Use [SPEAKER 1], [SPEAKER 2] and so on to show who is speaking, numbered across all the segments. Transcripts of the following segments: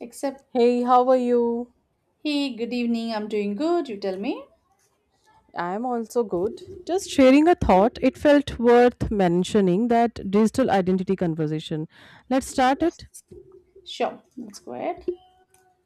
[SPEAKER 1] Except,
[SPEAKER 2] Hey, how are you?
[SPEAKER 1] hey, good evening, I'm doing good. You tell me.
[SPEAKER 2] I'm also good. Just sharing a thought, it felt worth mentioning that digital identity conversation. Let's start
[SPEAKER 1] Yes.
[SPEAKER 2] it.
[SPEAKER 1] Sure, let's go ahead.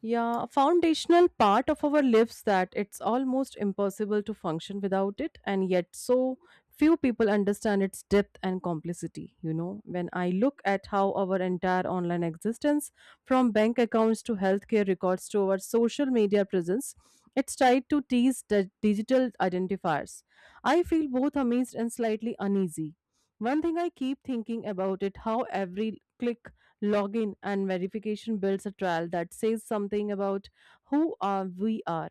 [SPEAKER 2] Yeah, foundational part of our lives that it's almost impossible to function without it, and yet so few people understand its depth and complicity. You know, when I look at how our entire online existence, from bank accounts to healthcare records to our social media presence, it's tied to these digital identifiers. I feel both amazed and slightly uneasy. One thing I keep thinking about it how every click, login, and verification builds a trail that says something about who are we are.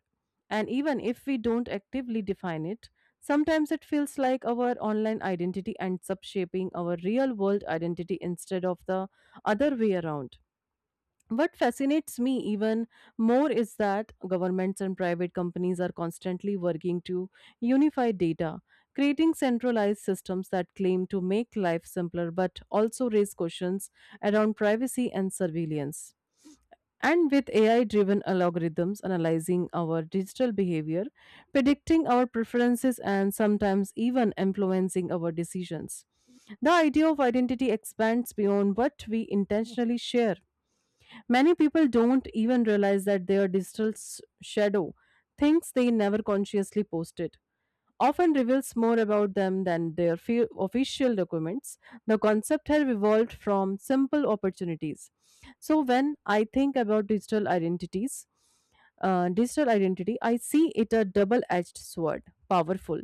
[SPEAKER 2] And even if we don't actively define it, sometimes it feels like our online identity ends up shaping our real world identity instead of the other way around. What fascinates me even more is that governments and private companies are constantly working to unify data, creating centralized systems that claim to make life simpler but also raise questions around privacy and surveillance. And with AI driven algorithms analyzing our digital behavior, predicting our preferences, and sometimes even influencing our decisions, the idea of identity expands beyond what we intentionally share. Many people don't even realize that their digital shadow, things they never consciously posted, often reveals more about them than their official documents. The concept has evolved from simple opportunities. So, when I think about digital identity, I see it a double edged sword, powerful,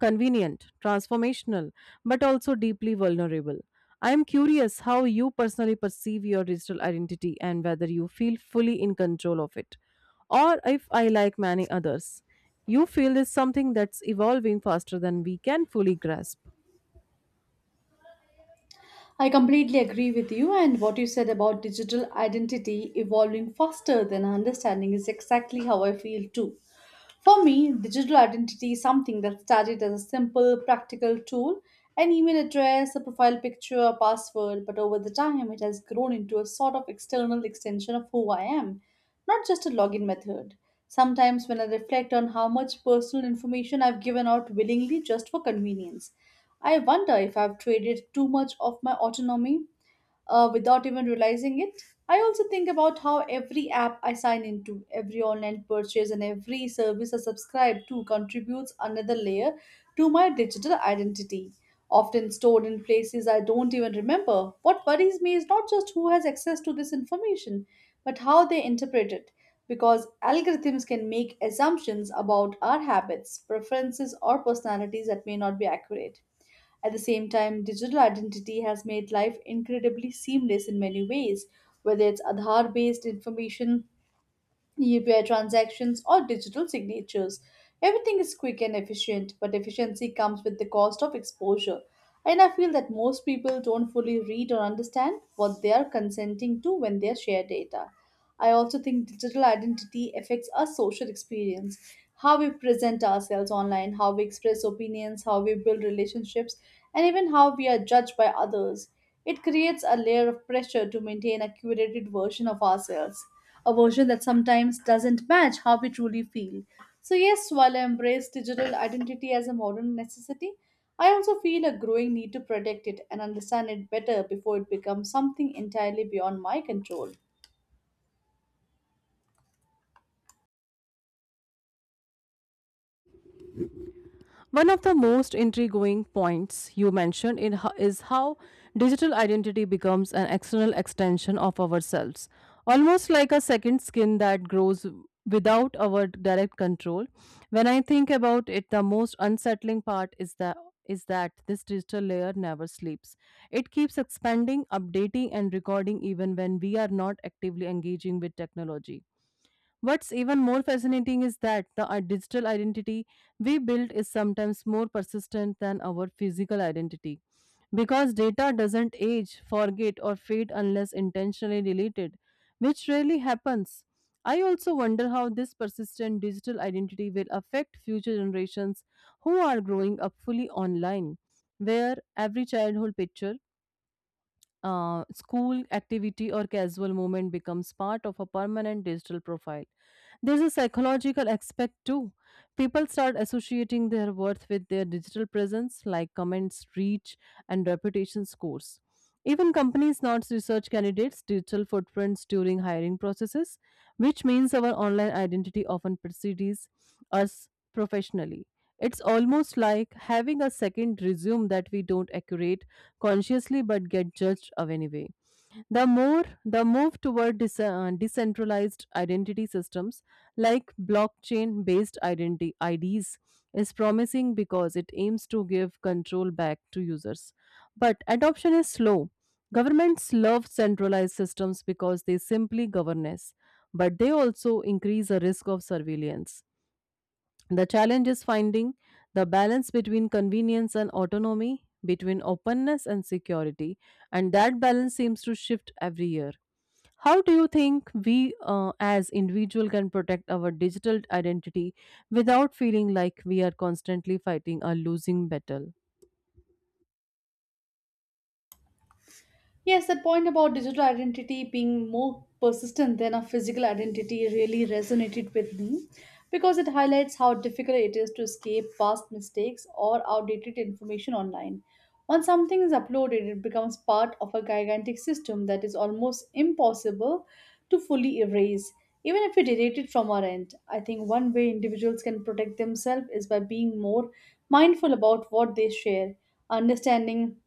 [SPEAKER 2] convenient, transformational, but also deeply vulnerable. I am curious how you personally perceive your digital identity and whether you feel fully in control of it, or if I like many others. You feel is something that's evolving faster than we can fully grasp.
[SPEAKER 1] I completely agree with you, and what you said about digital identity evolving faster than our understanding is exactly how I feel too. For me, digital identity is something that started as a simple, practical tool an email address, a profile picture, a password, but over the time it has grown into a sort of external extension of who I am, not just a login method. Sometimes, when I reflect on how much personal information I've given out willingly just for convenience, I wonder if I've traded too much of my autonomy without even realizing it. I also think about how every app I sign into, every online purchase, and every service I subscribe to contributes another layer to my digital identity, often stored in places I don't even remember. What worries me is not just who has access to this information, but how they interpret it, because algorithms can make assumptions about our habits, preferences, or personalities that may not be accurate. At the same time, digital identity has made life incredibly seamless in many ways, whether it's Aadhaar based information UPI transactions, or digital signatures. Everything is quick and efficient, but efficiency comes with the cost of exposure. And I feel that most people don't fully read or understand what they are consenting to when they share data. I also think digital identity affects our social experience, how we present ourselves online, how we express opinions, how we build relationships, and even how we are judged by others. It creates a layer of pressure to maintain a curated version of ourselves a version that sometimes doesn't match how we truly feel. So, yes, while I embrace digital identity as a modern necessity, I also feel a growing need to protect it and understand it better before it becomes something entirely beyond my control.
[SPEAKER 2] One of the most intriguing points you mentioned is how digital identity becomes an external extension of ourselves, almost like a second skin that grows without our direct control. When I think about it, the most unsettling part is that this digital layer never sleeps. It keeps expanding, updating, and recording even when we are not actively engaging with technology. What's even more fascinating is that the digital identity we build is sometimes more persistent than our physical identity because data doesn't age, forget, or fade unless intentionally deleted, which rarely happens. I also wonder how this persistent digital identity will affect future generations who are growing up fully online, where every childhood picture, school activity or casual moment becomes part of a permanent digital profile. There's a psychological aspect too. People start associating their worth with their digital presence, like comments, reach, and reputation scores. Even companies not research candidates' digital footprints during hiring processes, which means our online identity often precedes us professionally. It's almost like having a second resume that we don't accurate consciously but get judged of anyway. The move toward decentralized identity systems like blockchain based identity IDs is promising because it aims to give control back to users. But adoption is slow. Governments love centralized systems because they simply govern us, but they also increase the risk of surveillance. The challenge is finding the balance between convenience and autonomy, between openness and security, and that balance seems to shift every year. How do you think we, as individual, can protect our digital identity without feeling like we are constantly fighting a losing battle?
[SPEAKER 1] Yes, that point about digital identity being more persistent than a physical identity really resonated with me because it highlights how difficult it is to escape past mistakes or outdated information online. Once something is uploaded, it becomes part of a gigantic system that is almost impossible to fully erase, even if we delete it from our end. I think one way individuals can protect themselves is by being more mindful about what they share understanding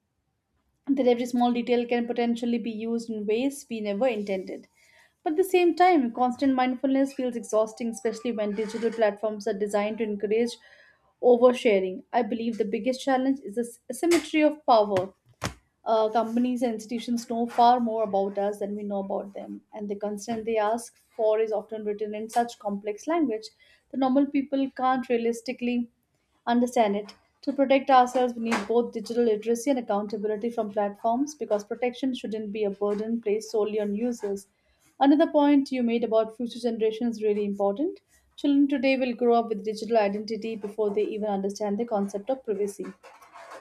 [SPEAKER 1] that every small detail can potentially be used in ways we never intended. But at the same time, constant mindfulness feels exhausting, especially when digital platforms are designed to encourage oversharing. I believe the biggest challenge is the asymmetry of power. Companies and institutions know far more about us than we know about them, and the consent they ask for is often written in such complex language that normal people can't realistically understand it. To protect ourselves, we need both digital literacy and accountability from platforms because protection shouldn't be a burden placed solely on users. Another point you made about future generations is really important. Children today will grow up with digital identity before they even understand the concept of privacy.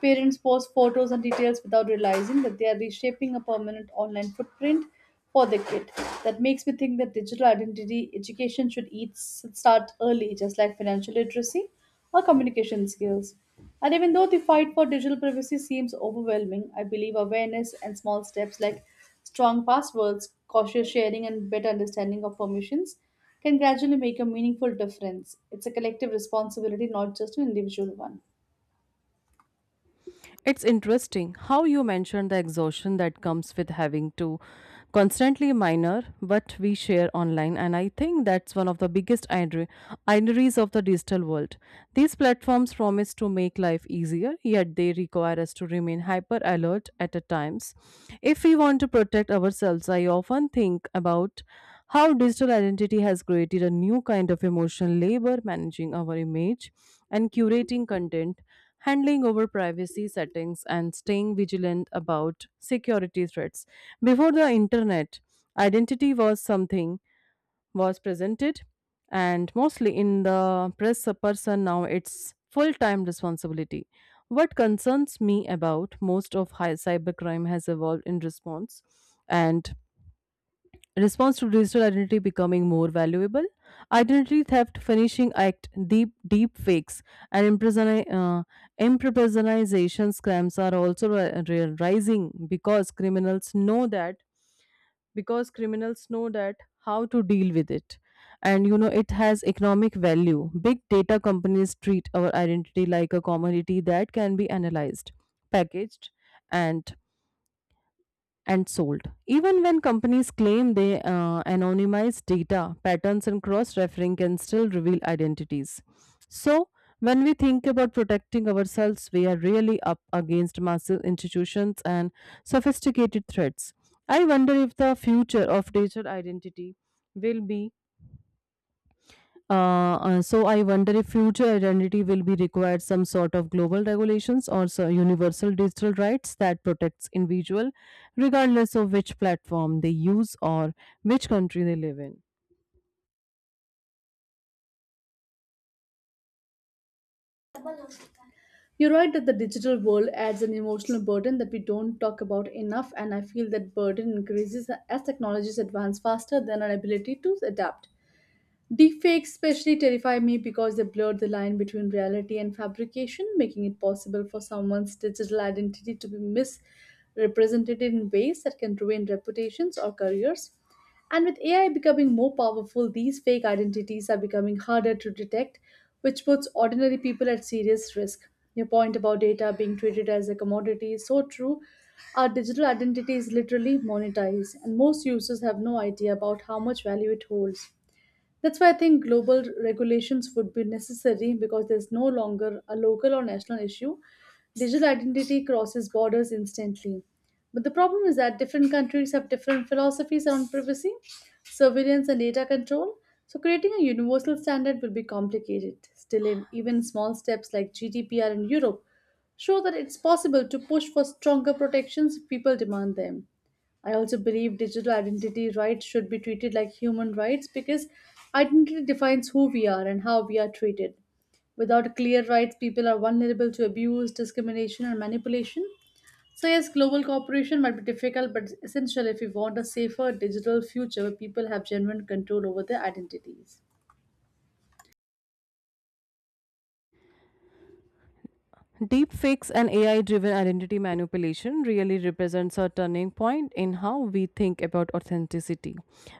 [SPEAKER 1] Parents post photos and details without realizing that they are reshaping a permanent online footprint for their kid. That makes me think that digital identity education should start early, just like financial literacy or communication skills. And even though the fight for digital privacy seems overwhelming, I believe awareness and small steps like strong passwords, cautious sharing, and better understanding of permissions can gradually make a meaningful difference. It's a collective responsibility, not just an individual one.
[SPEAKER 2] It's interesting how you mentioned the exhaustion that comes with having to constantly minor what we share online, and I think that's one of the biggest ironies of the digital world. These platforms promise to make life easier, yet they require us to remain hyper alert at a times. If we want to protect ourselves, I often think about how digital identity has created a new kind of emotional labor managing our image and curating content, handling over privacy settings, and staying vigilant about security threats. Before the internet, identity was something was presented and mostly in the press person now it's full-time responsibility what concerns me about most of high cybercrime has evolved in response and response to digital identity becoming more valuable, identity theft finishing act, deep fakes, and impersonation scams are also rising because criminals know that how to deal with it. And you know it has economic value big data companies treat our identity like a commodity that can be analyzed, packaged, and and sold. Even when companies claim they anonymize data, patterns and cross referring can still reveal identities. So, when we think about protecting ourselves, we are really up against massive institutions and sophisticated threats. I wonder if the future of digital identity will be, I wonder if future identity will be required some sort of global regulations or so universal digital rights that protects individual, regardless of which platform they use or which country they live in.
[SPEAKER 1] You're right that the digital world adds an emotional burden that we don't talk about enough, and I feel that burden increases as technologies advance faster than our ability to adapt. Deepfakes especially terrify me because they blur the line between reality and fabrication, making it possible for someone's digital identity to be misrepresented in ways that can ruin reputations or careers. And with AI becoming more powerful, these fake identities are becoming harder to detect, which puts ordinary people at serious risk. Your point about data being treated as a commodity is so true. Our digital identity is literally monetized, and most users have no idea about how much value it holds. That's why I think global regulations would be necessary because there's no longer a local or national issue. Digital identity crosses borders instantly. But the problem is that different countries have different philosophies around privacy, surveillance, and data control. So, creating a universal standard will be complicated. Still, even small steps like GDPR in Europe show that it's possible to push for stronger protections if people demand them. I also believe digital identity rights should be treated like human rights because identity defines who we are and how we are treated. Without clear rights, people are vulnerable to abuse, discrimination, and manipulation. So, yes, global cooperation might be difficult but essential if we want a safer digital future where people have genuine control over their identities.
[SPEAKER 2] Deepfakes and AI driven identity manipulation really represents a turning point in how we think about authenticity.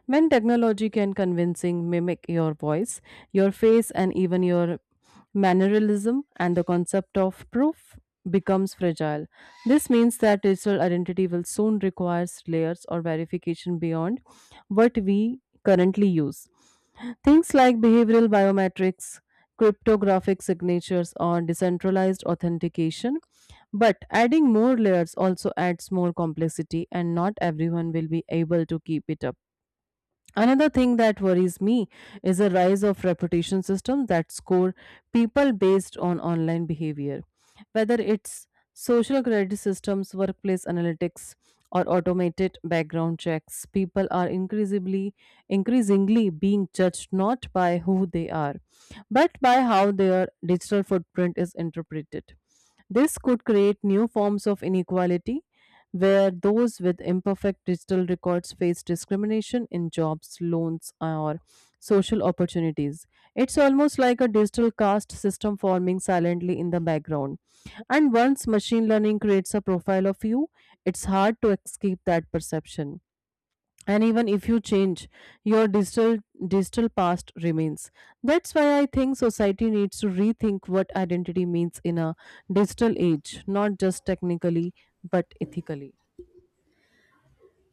[SPEAKER 2] When technology can convincing mimic your voice, your face, and even your mannerism, and the concept of proof becomes fragile. This means that digital identity will soon require layers or verification beyond what we currently use. Things like behavioral biometrics, cryptographic signatures or decentralized authentication. But adding more layers also adds more complexity, and not everyone will be able to keep it up. Another thing that worries me is the rise of reputation systems that score people based on online behavior. Whether it's social credit systems, workplace analytics, or automated background checks, people are increasingly being judged not by who they are, but by how their digital footprint is interpreted. This could create new forms of inequality where those with imperfect digital records face discrimination in jobs, loans, or social opportunities. It's almost like a digital caste system forming silently in the background. And once machine learning creates a profile of you, it's hard to escape that perception. And even if you change, your digital past remains. That's why I think society needs to rethink what identity means in a digital age, not just technically but ethically.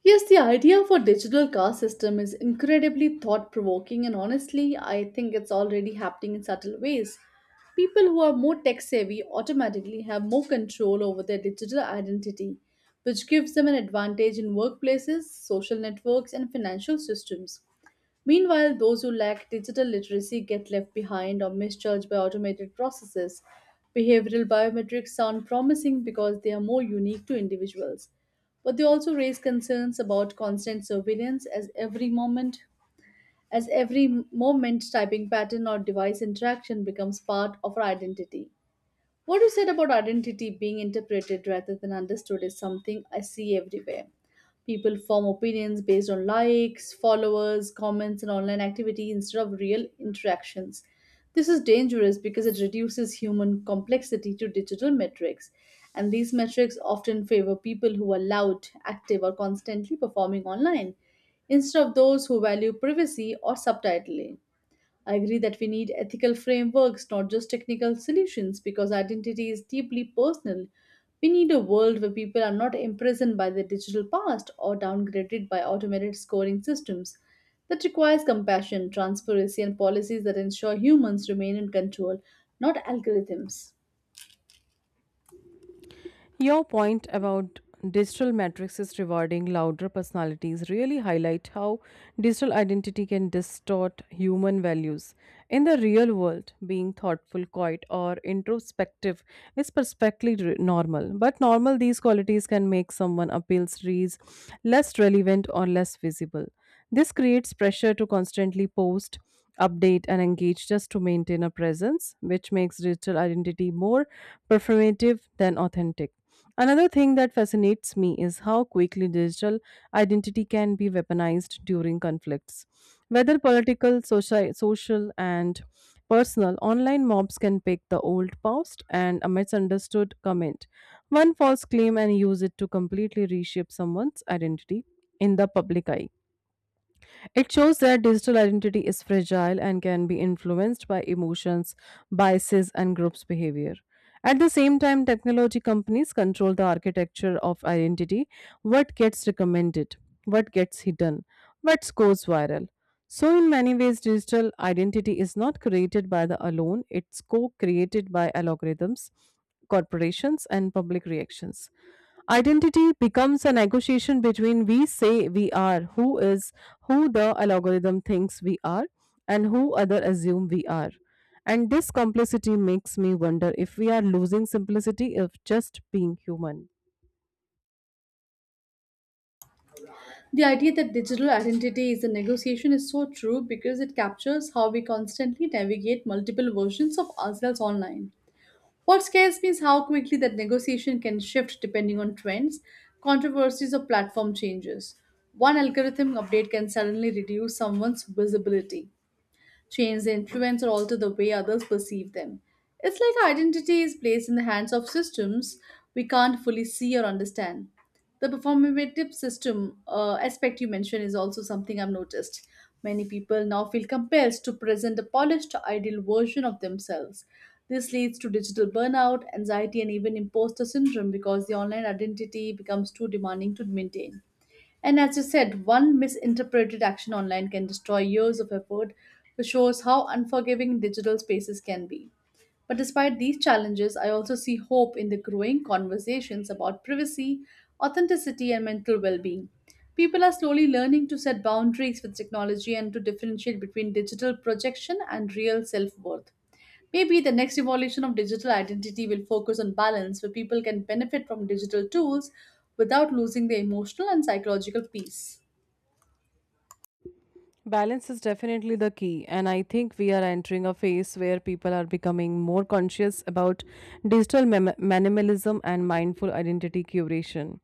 [SPEAKER 1] Yes, the idea for digital car system is incredibly thought-provoking and honestly, I think it's already happening in subtle ways. People who are more tech-savvy automatically have more control over their digital identity, which gives them an advantage in workplaces, social networks, and financial systems. Meanwhile, those who lack digital literacy get left behind or misjudged by automated processes. Behavioral biometrics sound promising because they are more unique to individuals, but they also raise concerns about constant surveillance as every moment typing pattern or device interaction becomes part of our identity. What you said about identity being interpreted rather than understood is something I see everywhere. People form opinions based on likes, followers, comments, and online activity instead of real interactions. This is dangerous because it reduces human complexity to digital metrics, and these metrics often favor people who are loud, active, or constantly performing online instead of those who value privacy or subtitling. I agree that we need ethical frameworks, not just technical solutions, because identity is deeply personal. We need a world where people are not imprisoned by their digital past or downgraded by automated scoring systems. That requires compassion, transparency, and policies that ensure humans remain in control, not algorithms.
[SPEAKER 2] Your point about digital metrics rewarding louder personalities really highlight how digital identity can distort human values. In the real world, being thoughtful, quiet, or introspective is perfectly normal. But normal, these qualities can make someone appeals reads less relevant or less visible. This creates pressure to constantly post, update, and engage just to maintain a presence, which makes digital identity more performative than authentic. Another thing that fascinates me is how quickly digital identity can be weaponized during conflicts. Whether political, social and personal, online mobs can pick the old post and a misunderstood comment, one false claim, and use it to completely reshape someone's identity in the public eye. It shows that digital identity is fragile and can be influenced by emotions, biases, and groups' behavior. At the same time, technology companies control the architecture of identity, what gets recommended, what gets hidden, what goes viral. So, in many ways, digital identity is not created by the alone, it's co created by algorithms, corporations, and public reactions. Identity becomes a negotiation between we say we are, who is, who the algorithm thinks we are, and who other assume we are. And this complexity makes me wonder if we are losing simplicity of just being human.
[SPEAKER 1] The idea that digital identity is a negotiation is so true because it captures how we constantly navigate multiple versions of ourselves online. What scares me is how quickly that negotiation can shift depending on trends, controversies, or platform changes. One algorithm update can suddenly reduce someone's visibility. Chains influence or alter the way others perceive them. It's like our identity is placed in the hands of systems we can't fully see or understand. The performative system aspect you mentioned is also something I've noticed. Many people now feel compelled to present a polished, ideal version of themselves. This leads to digital burnout, anxiety, and even imposter syndrome because the online identity becomes too demanding to maintain. And as you said, one misinterpreted action online can destroy years of effort, which shows how unforgiving digital spaces can be. But despite these challenges, I also see hope in the growing conversations about privacy, authenticity, and mental well being. People are slowly learning to set boundaries with technology and to differentiate between digital projection and real self worth. Maybe the next evolution of digital identity will focus on balance where people can benefit from digital tools without losing their emotional and psychological peace.
[SPEAKER 2] Balance is definitely the key, and I think we are entering a phase where people are becoming more conscious about digital minimalism and mindful identity curation.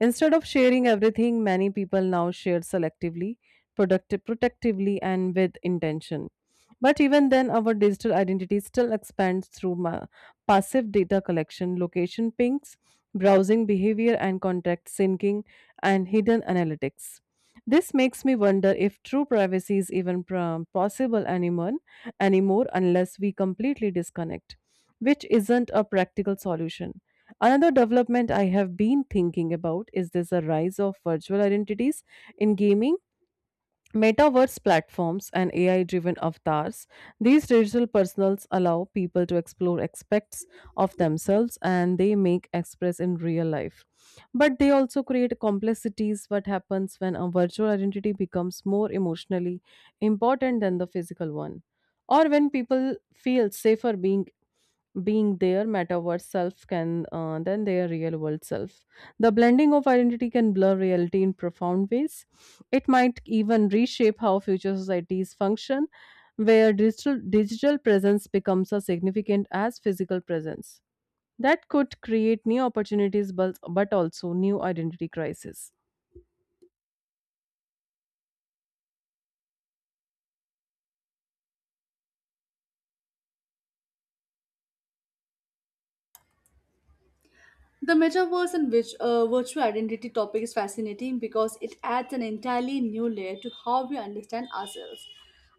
[SPEAKER 2] Instead of sharing everything, many people now share selectively, productive, protectively, and with intention. But even then, our digital identity still expands through passive data collection, location pings, browsing behavior, and contact syncing, and hidden analytics. This makes me wonder if true privacy is even possible anymore, anymore unless we completely disconnect, which isn't a practical solution. Another development I have been thinking about is this a rise of virtual identities in gaming Metaverse platforms and AI driven avatars, these digital personals allow people to explore aspects of themselves and they make express in real life. But they also create complexities. What happens when a virtual identity becomes more emotionally important than the physical one? Or when people feel safer being their metaverse self can, than their real world self. The blending of identity can blur reality in profound ways. It might even reshape how future societies function, where digital presence becomes as significant as physical presence that could create new opportunities but also new identity crisis.
[SPEAKER 1] The metaverse virtual identity topic is fascinating because it adds an entirely new layer to how we understand ourselves.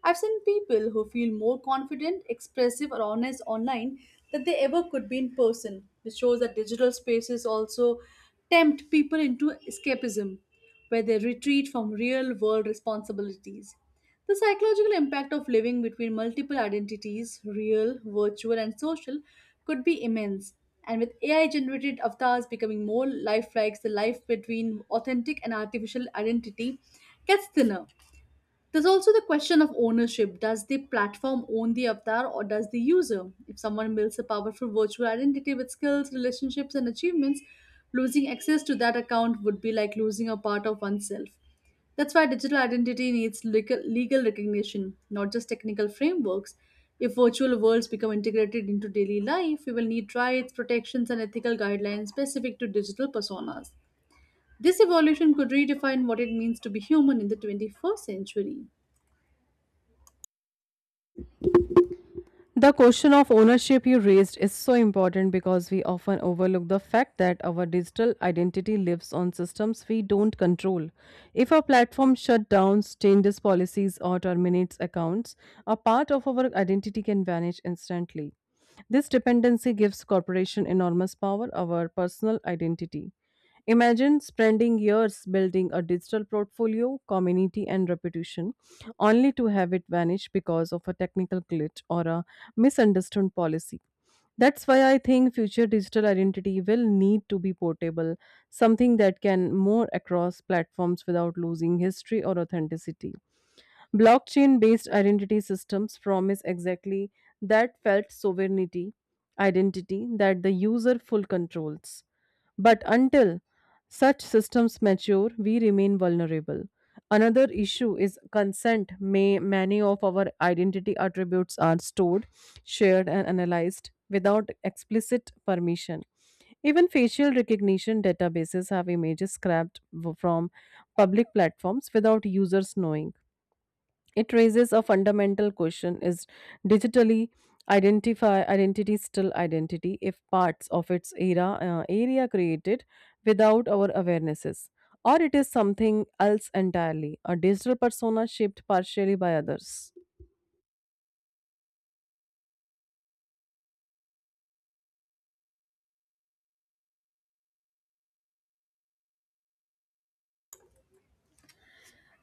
[SPEAKER 1] I've seen people who feel more confident, expressive, or honest online than they ever could be in person, which shows that digital spaces also tempt people into escapism, where they retreat from real world responsibilities. The psychological impact of living between multiple identities, real, virtual, and social, could be immense. And with AI generated avatars becoming more lifelike, the life between authentic and artificial identity gets thinner. There's also the question of ownership. Does the platform own the avatar or does the user? If someone builds a powerful virtual identity with skills, relationships, and achievements, losing access to that account would be like losing a part of oneself. That's why digital identity needs legal recognition, not just technical frameworks. If virtual worlds become integrated into daily life, we will need rights, protections, and ethical guidelines specific to digital personas. This evolution could redefine what it means to be human in the 21st century.
[SPEAKER 2] The question of ownership you raised is so important because we often overlook the fact that our digital identity lives on systems we don't control. If a platform shuts down, changes policies, or terminates accounts, a part of our identity can vanish instantly. This dependency gives corporation enormous power over personal identity. Imagine spending years building a digital portfolio, community, and reputation, only to have it vanish because of a technical glitch or a misunderstood policy. That's why I think future digital identity will need to be portable, something that can move across platforms without losing history or authenticity. Blockchain based identity systems promise exactly that felt sovereignty, identity that the user full controls. But until such systems mature, we remain vulnerable. Another issue is consent. May many of our identity attributes are stored, shared, and analyzed without explicit permission. Even facial recognition databases have images scrapped from public platforms without users knowing. It raises a fundamental question: is digitally identify identity still identity if parts of its era area created without our awarenesses, or it is something else entirely, a digital persona shaped partially by others?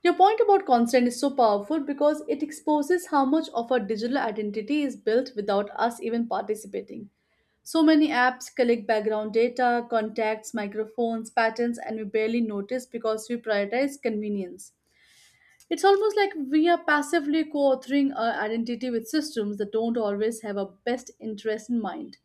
[SPEAKER 1] Your point about consent is so powerful because it exposes how much of our digital identity is built without us even participating. So many apps collect background data, contacts, microphones, patterns, and we barely notice because we prioritize convenience. It's almost like we are passively co authoring our identity with systems that don't always have our best interest in mind.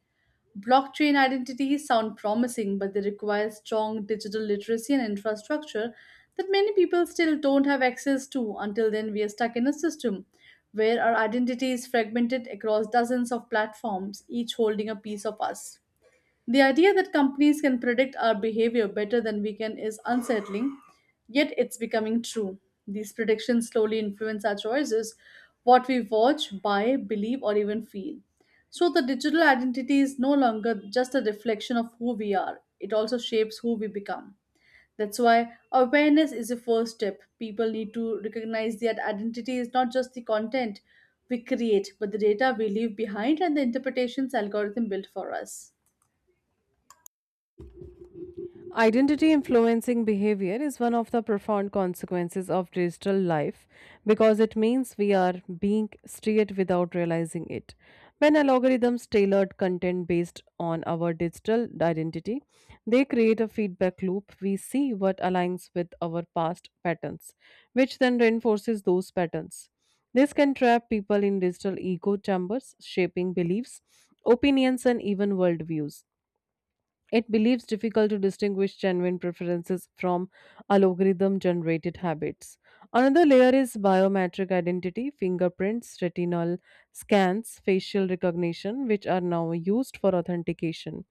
[SPEAKER 1] Blockchain identities sound promising, but they require strong digital literacy and infrastructure that many people still don't have access to. Until then, we are stuck in a system where our identity is fragmented across dozens of platforms, each holding a piece of us. The idea that companies can predict our behavior better than we can is unsettling, yet it's becoming true. These predictions slowly influence our choices, what we watch, buy, believe, or even feel. So the digital identity is no longer just a reflection of who we are, it also shapes who we become. That's why awareness is the first step. People need to recognize that identity is not just the content we create, but the data we leave behind and the interpretations algorithm built for us.
[SPEAKER 2] Identity influencing behavior is one of the profound consequences of digital life because it means we are being steered without realizing it. When algorithms tailored content based on our digital identity, they create a feedback loop. We see what aligns with our past patterns, which then reinforces those patterns. This can trap people in digital echo chambers, shaping beliefs, opinions, and even worldviews. It believes difficult to distinguish genuine preferences from algorithm generated habits. Another layer is biometric identity, fingerprints, retinal scans, facial recognition, which are now used for authentication.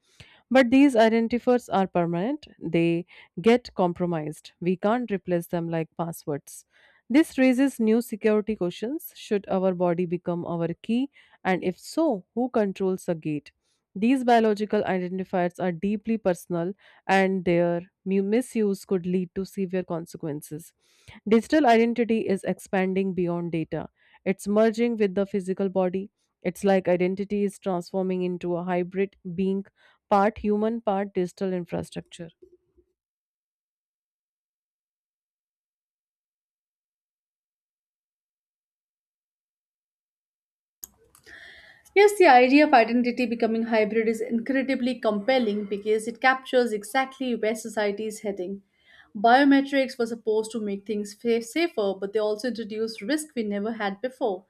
[SPEAKER 2] But these identifiers are permanent, they get compromised. We can't replace them like passwords. This raises new security questions. Should our body become our key? And if so, who controls the gate? These biological identifiers are deeply personal and their misuse could lead to severe consequences. Digital identity is expanding beyond data, it's merging with the physical body. It's like identity is transforming into a hybrid being, part human, part digital infrastructure.
[SPEAKER 1] Yes, the idea of identity becoming hybrid is incredibly compelling because it captures exactly where society is heading. Biometrics were supposed to make things safer, but they also introduced risk we never had before.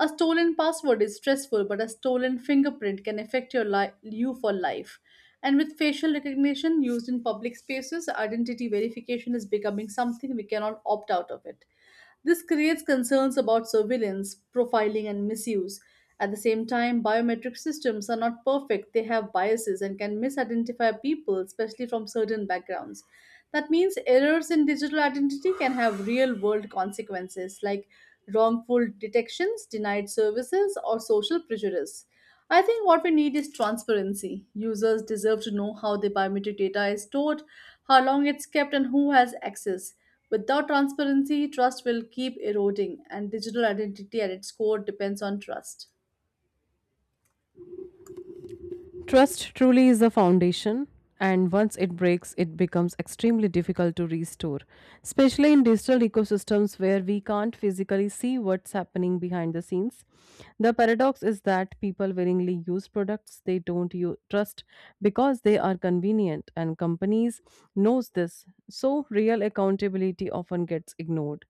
[SPEAKER 1] A stolen password is stressful, but a stolen fingerprint can affect your you for life. And with facial recognition used in public spaces, identity verification is becoming something we cannot opt out of it. This creates concerns about surveillance, profiling, and misuse. At the same time, biometric systems are not perfect. They have biases and can misidentify people, especially from certain backgrounds. That means errors in digital identity can have real world consequences like wrongful detections, denied services, or social prejudice. I think what we need is transparency. Users deserve to know how their biometric data is stored, how long it's kept, and who has access. Without transparency, trust will keep eroding, and digital identity at its core depends on trust.
[SPEAKER 2] Trust truly is the foundation, and once it breaks, it becomes extremely difficult to restore, especially in digital ecosystems where we can't physically see what's happening behind the scenes. The paradox is that people willingly use products they don't trust because they are convenient, and companies knows this, so real accountability often gets ignored.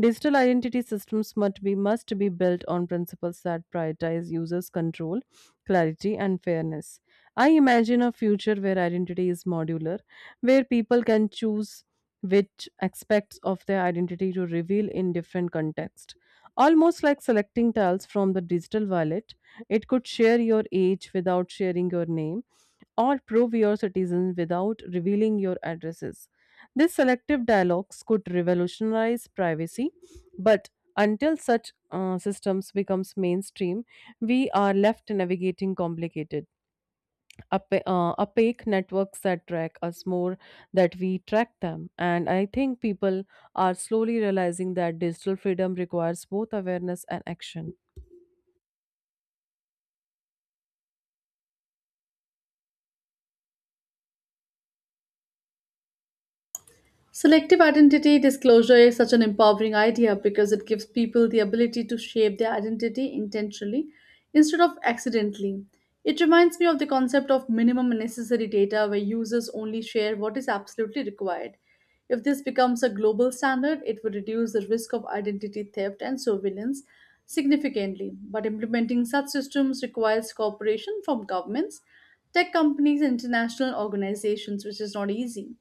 [SPEAKER 2] Digital identity systems must be built on principles that prioritize users' control, clarity, and fairness. I imagine a future where identity is modular, where people can choose which aspects of their identity to reveal in different contexts. Almost like selecting tiles from the digital wallet, it could share your age without sharing your name, or prove your citizen without revealing your addresses. These selective dialogues could revolutionize privacy, but until such systems becomes mainstream, we are left navigating complicated opaque networks that track us more that we track them, and I think people are slowly realizing that digital freedom requires both awareness and action.
[SPEAKER 1] Selective identity disclosure is such an empowering idea because it gives people the ability to shape their identity intentionally instead of accidentally. It reminds me of the concept of minimum necessary data where users only share what is absolutely required. If this becomes a global standard, it would reduce the risk of identity theft and surveillance significantly. But implementing such systems requires cooperation from governments, tech companies, and international organizations, which is not easy.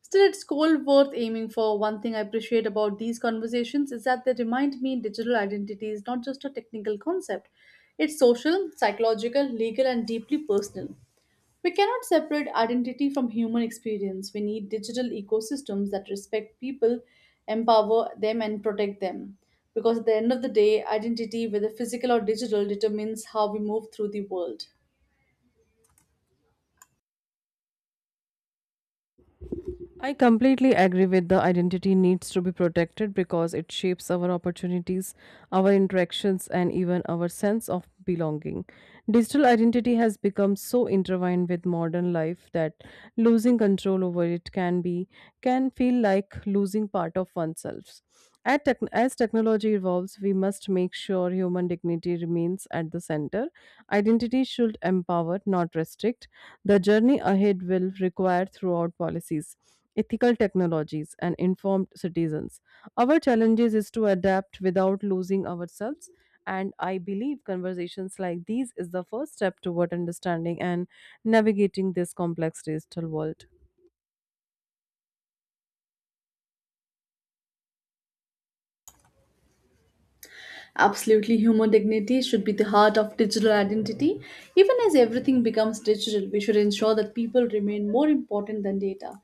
[SPEAKER 1] Still, it's goal worth aiming for. One thing I appreciate about these conversations is that they remind me digital identity is not just a technical concept, it's social, psychological, legal, and deeply personal. We cannot separate identity from human experience. We need digital ecosystems that respect people, empower them, and protect them. Because at the end of the day, identity, whether physical or digital, determines how we move through the world.
[SPEAKER 2] I completely agree with the identity needs to be protected because it shapes our opportunities, our interactions, and even our sense of belonging. Digital identity has become so intertwined with modern life that losing control over it can be can feel like losing part of oneself. As technology evolves, we must make sure human dignity remains at the center. Identity should empower, not restrict. The journey ahead will require throughout policies, ethical technologies, and informed citizens. Our challenges is to adapt without losing ourselves. And I believe conversations like these is the first step toward understanding and navigating this complex digital world.
[SPEAKER 1] Absolutely, human dignity should be the heart of digital identity. Even as everything becomes digital, we should ensure that people remain more important than data.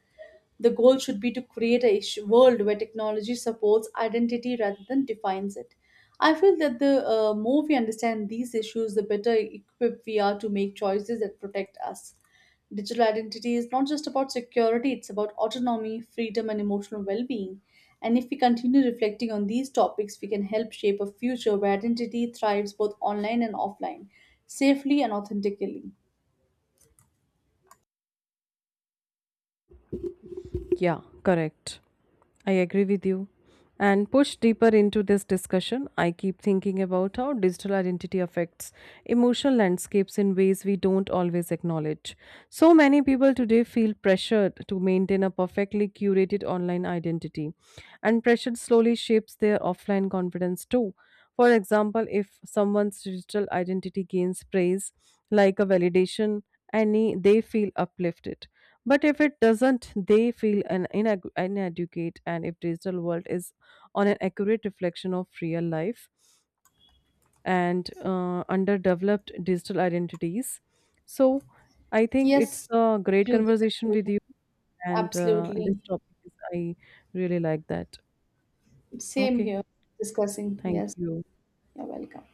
[SPEAKER 1] The goal should be to create a world where technology supports identity rather than defines it. I feel that the more we understand these issues, the better equipped we are to make choices that protect us. Digital identity is not just about security, it's about autonomy, freedom, and emotional well being. And if we continue reflecting on these topics, we can help shape a future where identity thrives both online and offline, safely and authentically.
[SPEAKER 2] Yeah, correct. I agree with you. And push deeper into this discussion, I keep thinking about how digital identity affects emotional landscapes in ways we don't always acknowledge. So many people today feel pressured to maintain a perfectly curated online identity, and pressure slowly shapes their offline confidence too. For example, if someone's digital identity gains praise, like a validation, any they feel uplifted, but if it doesn't, they feel an inadequate, and if digital world is on an accurate reflection of real life and underdeveloped digital identities, so I think it's
[SPEAKER 1] Yes,
[SPEAKER 2] a great
[SPEAKER 1] to the
[SPEAKER 2] conversation with
[SPEAKER 1] conclusion.
[SPEAKER 2] you, and this
[SPEAKER 1] Absolutely.
[SPEAKER 2] topic is I really like that.
[SPEAKER 1] Same
[SPEAKER 2] Okay,
[SPEAKER 1] here. Discussing.
[SPEAKER 2] thank
[SPEAKER 1] Yes.
[SPEAKER 2] you.
[SPEAKER 1] You're welcome.